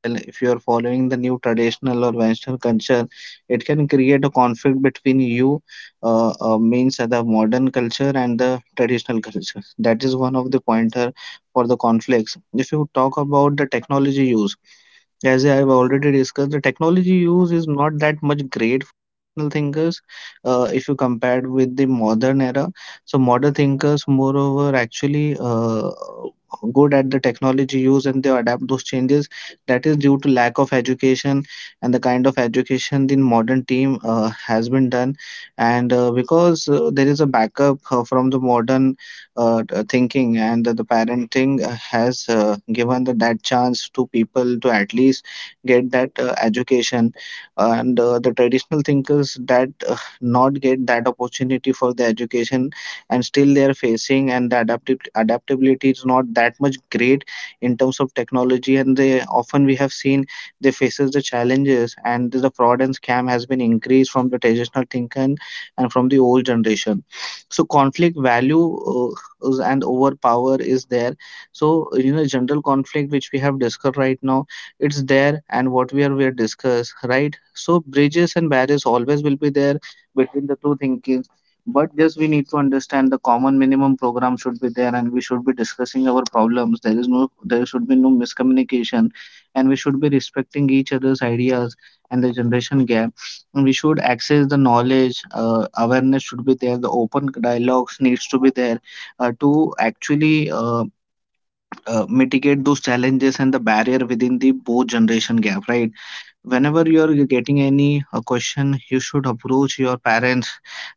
[SPEAKER 1] well, if you are following the new traditional or Western culture, it can create a conflict between you, means the modern culture and the traditional culture. That is one of the pointer for the conflicts. If you talk about the technology use, as I have already discussed, the technology use is not that much great for traditional thinkers if you compare with the modern era. So modern thinkers, moreover, actually good at the technology use, and they adapt those changes. That is due to lack of education and the kind of education the modern team has been done. And because there is a backup from the modern thinking, and the parenting has given the, that chance to people to at least get that education, and the traditional thinkers that not get that opportunity for the education, and still they are facing, and the adaptability is not that much great in terms of technology, and they often we have seen they faces the challenges, and the fraud and scam has been increased from the traditional thinking and from the old generation. So conflict value and overpower is there. So general conflict which we have discussed right now, it's there. And what we are discuss, right? So bridges and barriers always will be there between the two thinking. But just we need to understand the common minimum program should be there, and we should be discussing our problems. There is no, there should be no miscommunication, and we should be respecting each other's ideas and the generation gap. And we should access the knowledge, awareness should be there, the open dialogues needs to be there to actually mitigate those challenges and the barrier within the both generation gap, right? Whenever you're getting any question, you should approach your parents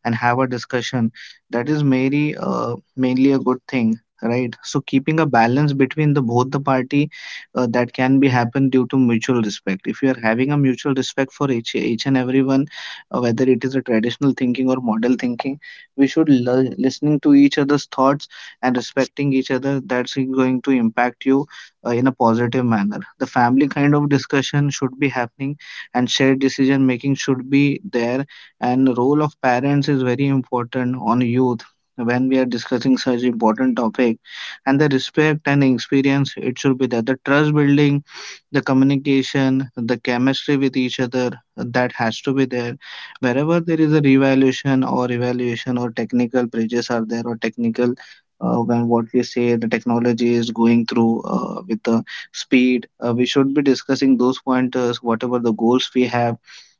[SPEAKER 1] and have a discussion. That is mainly mainly a good thing, right? So keeping a balance between the both the party, that can be happen due to mutual respect. If you are having a mutual respect for each and everyone, whether it is a traditional thinking or model thinking, we should listening to each other's thoughts, and respecting each other, that's going to impact you in a positive manner. The family kind of discussion should be happening, and shared decision making should be there. And the role of parents is very important on youth when we are discussing such important topic, and the respect and experience, it should be there, the trust building, the communication, the chemistry with each other, that has to be there. Wherever there is a revaluation or evaluation or technical bridges are there, or technical, when what we say the technology is going through with the speed. We should be discussing those pointers, whatever the goals we have.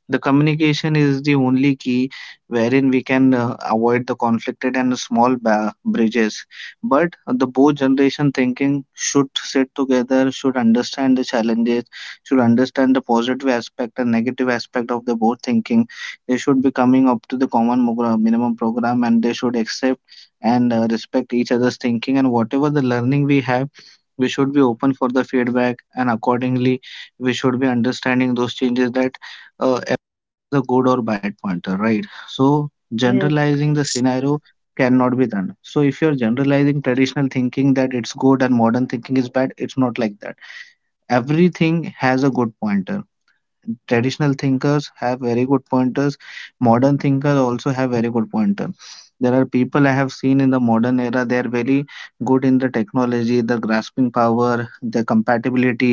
[SPEAKER 1] The communication is the only key wherein we can avoid the conflicted and small bridges. But the both generation thinking should sit together, should understand the challenges, should understand the positive aspect and negative aspect of the both thinking. They should be coming up to the common minimum program, and they should accept and respect each other's thinking. And whatever the learning we have, we should be open for the feedback, and accordingly we should be understanding those changes that uh, as a good or bad pointer, right? So
[SPEAKER 2] Yes,
[SPEAKER 1] generalizing the scenario cannot be done. So if you're generalizing traditional thinking that it's good and modern thinking is bad, it's not like that. Everything has a good pointer. Traditional thinkers have very good pointers, modern thinkers also have very good pointer. There are people I have seen in the modern era, they are very good in the technology, the grasping power, their compatibility,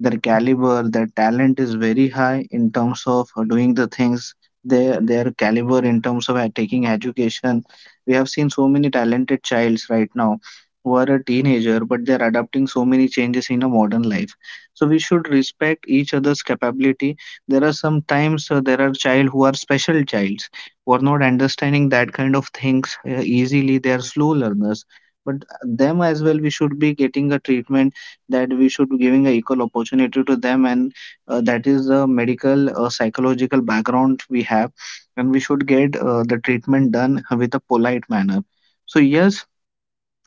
[SPEAKER 1] their caliber, their talent is very high in terms of doing the things. Their caliber in terms of taking education, we have seen so many talented childs right now, who are a teenager, but they are adapting so many changes in a modern life. So we should respect each other's capability. There are sometimes, there are child who are special childs, who are not understanding that kind of things easily, they are slow learners. But them as well, we should be getting a treatment, that we should be giving a equal opportunity to them. And that is the medical psychological background we have, and we should get the treatment done with a polite manner. So yes,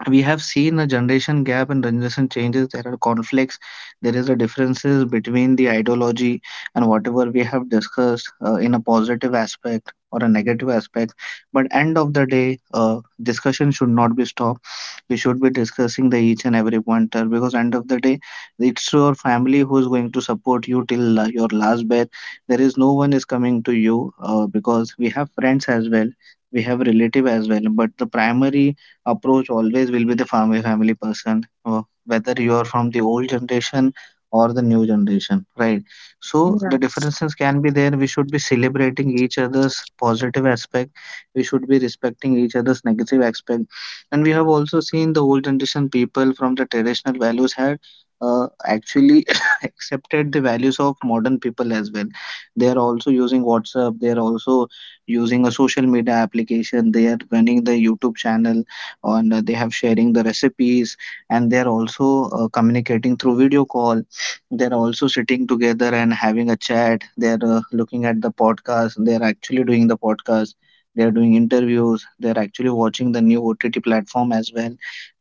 [SPEAKER 1] we have seen a generation gap and generation changes, there are conflicts, there is a differences between the ideology. And whatever we have discussed in a positive aspect or a negative aspect, but end of the day, discussion should not be stopped. We should be discussing the each and every pointer, because end of the day, it's your family who is going to support you till your last breath. There is no one is coming to you, because we have friends as well, we have relative as well. But the primary approach always will be the family person, whether you are from the old generation or the new generation, right? So the
[SPEAKER 2] yeah,
[SPEAKER 1] differences can be there, we should be celebrating each other's positive aspect, we should be respecting each other's negative aspect. And we have also seen the old generation people from the traditional values had actually [coughs] accepted the values of modern people as well. They are also using WhatsApp, they are also using a social media application, they are running the YouTube channel on, they have sharing the recipes, and they're also communicating through video call. They're also sitting together and having a chat, they're looking at the podcast, they're actually doing the podcast, they're doing interviews, they're actually watching the new OTT platform as well.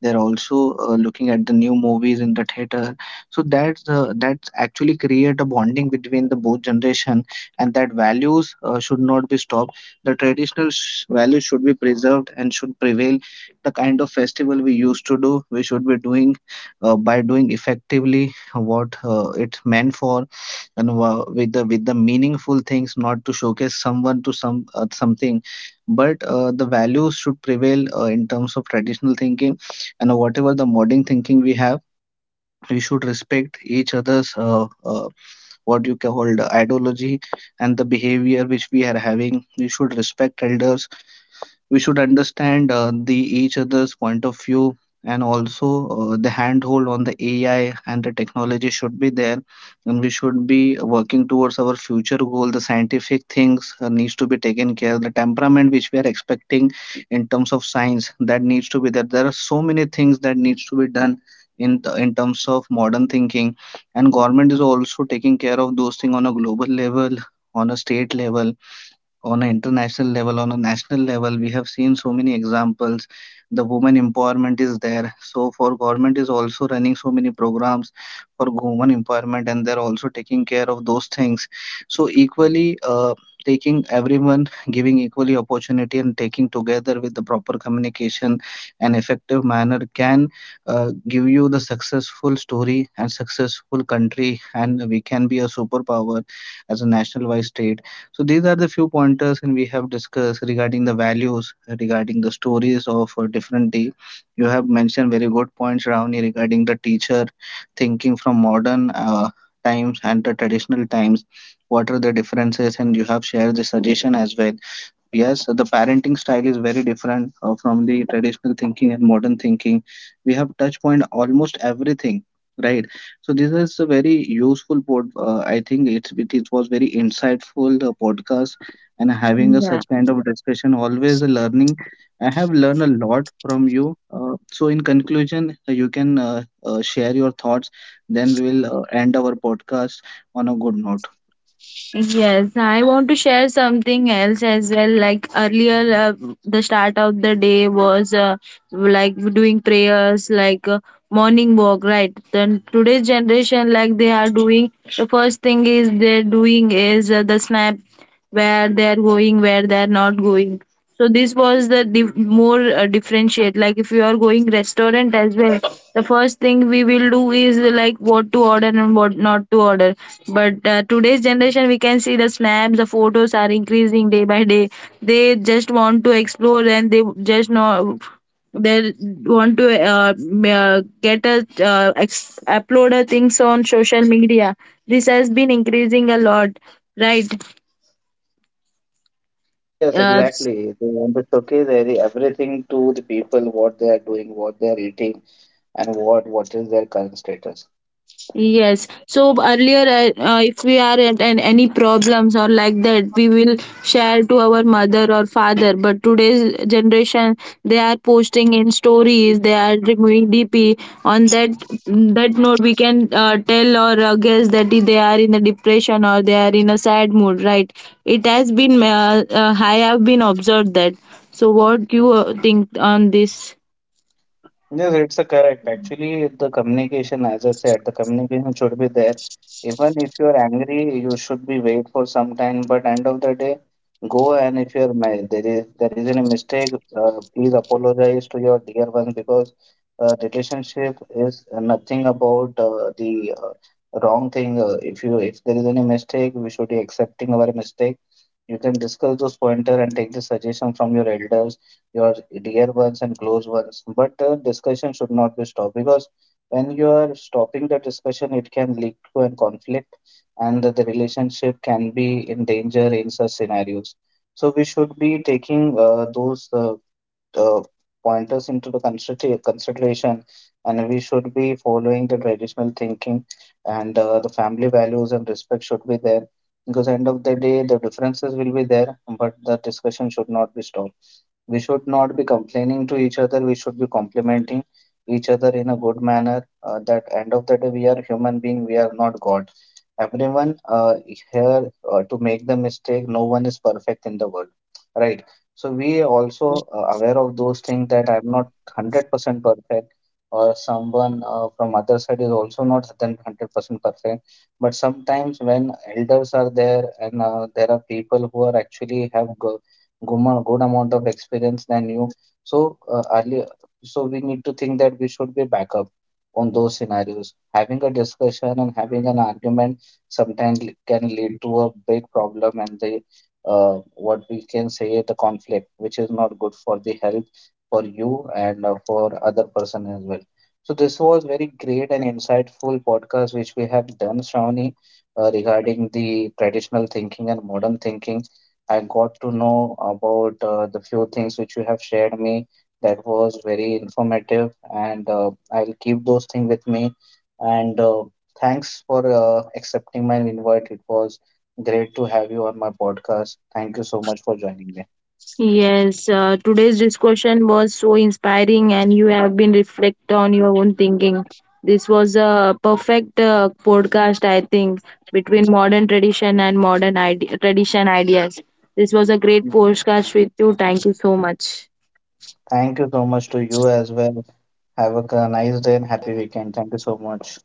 [SPEAKER 1] They're also looking at the new movies in the theater. So that's actually create a bonding between the both generation, and that values should not be stopped. The traditional values should be preserved and should prevail. The kind of festival we used to do, we should be doing, by doing effectively what it's meant for, and with the meaningful things, not to showcase someone to some something. But the values should prevail in terms of traditional thinking, and whatever the modern thinking we have, we should respect each other's, what you call, the ideology, and the behavior which we are having. We should respect elders, we should understand the each other's point of view, and also the handhold on the AI and the technology should be there, and we should be working towards our future goal. The scientific things needs to be taken care, the temperament which we are expecting in terms of science that needs to be there. There are so many things that needs to be done in terms of modern thinking, and government is also taking care of those things on a global level, on a state level, on an international level, on a national level. We have seen so many examples. The women empowerment is there. So for government is also running so many programs for women empowerment, and they're also taking care of those things. So equally, taking everyone, giving equally opportunity, and taking together with the proper communication and effective manner can give you the successful story and successful country, and we can be a superpower as a national wise state. So these are the few pointers, and we have discussed regarding the values, regarding the stories of different day. You have mentioned very good points, Ravni, regarding the teacher thinking from modern times and the traditional times. What are the differences? And you have shared the suggestion as well. Yes, the parenting style is very different from the traditional thinking and modern thinking. We have touch point almost everything, right? So this is a very useful pod. I think it was very insightful podcast, and having a
[SPEAKER 2] yeah.
[SPEAKER 1] such kind of discussion always a learning. I have learned a lot from you. So in conclusion, you can share your thoughts. Then we will end our podcast on a good note.
[SPEAKER 2] Yes, I want to share something else as well. Like earlier, the start of the day was like doing prayers, like morning walk, right? Then today's generation, like they are doing, the first thing is they're doing is the snap, where they're going, where they're not going. So this was the more differentiate. Like if you are going restaurant as well, the first thing we will do is like what to order and what not to order. But today's generation, we can see the snaps, the photos are increasing day by day. They just want to explore and they just know, they want to get a upload a things on social media. This has been increasing a lot, right?
[SPEAKER 1] Yes,
[SPEAKER 2] uh,
[SPEAKER 1] exactly. They want to showcase everything to the people, what they are doing, what they are eating, and what is their current status.
[SPEAKER 2] Yes. So earlier, if we are at an, any problems or like that, we will share to our mother or father. But today's generation, they are posting in stories. They are removing DP. On that note, we can tell or guess that they are in a depression or they are in a sad mood, right? It has been. I have been observed that. So what you think on this?
[SPEAKER 1] Yes, it's a correct. Actually, the communication, as I said, the communication should be there. Even if you are angry, you should be wait for some time. But end of the day, go and if you are there is any mistake, please apologize to your dear ones, because relationship is nothing about the wrong thing. If you if there is any mistake, we should be accepting our mistake. You can discuss those pointer and take the suggestion from your elders, your dear ones and close ones. But the discussion should not be stopped, because when you are stopping the discussion, it can lead to a conflict, and the relationship can be in danger in such scenarios. So we should be taking those uh, pointers into the consideration, and we should be following the traditional thinking and the family values, and respect should be there, because end of the day the differences will be there, but the discussion should not be stopped. We should not be complaining to each other, we should be complimenting each other in a good manner. That end of the day, we are human being, we are not god. Everyone here to make the mistake, no one is perfect in the world, right? So we also aware of those things, that I'm not 100% perfect, or someone from other side is also not then 100% perfect. But sometimes when elders are there, and there are people who are actually have go good, good amount of experience than you. So earlier, so we need to think that we should be backup on those scenarios. Having a discussion and having an argument sometimes can lead to a big problem, and the what we can say the conflict, which is not good for the health for you and for other person as well. So this was very great and insightful podcast which we have done, Shravani, regarding the traditional thinking and modern thinking. I got to know about the few things which you have shared me. That was very informative, and I'll keep those things with me. And thanks for accepting my invite. It was great to have you on my podcast. Thank you so much for joining me.
[SPEAKER 2] Yes, today's discussion was so inspiring, and you have been reflect on your own thinking. This was a perfect podcast, I think, between modern tradition and modern tradition ideas. This was a great podcast with you. Thank you so much.
[SPEAKER 1] Thank you so much to you as well. Have a nice day and happy weekend. Thank you so much.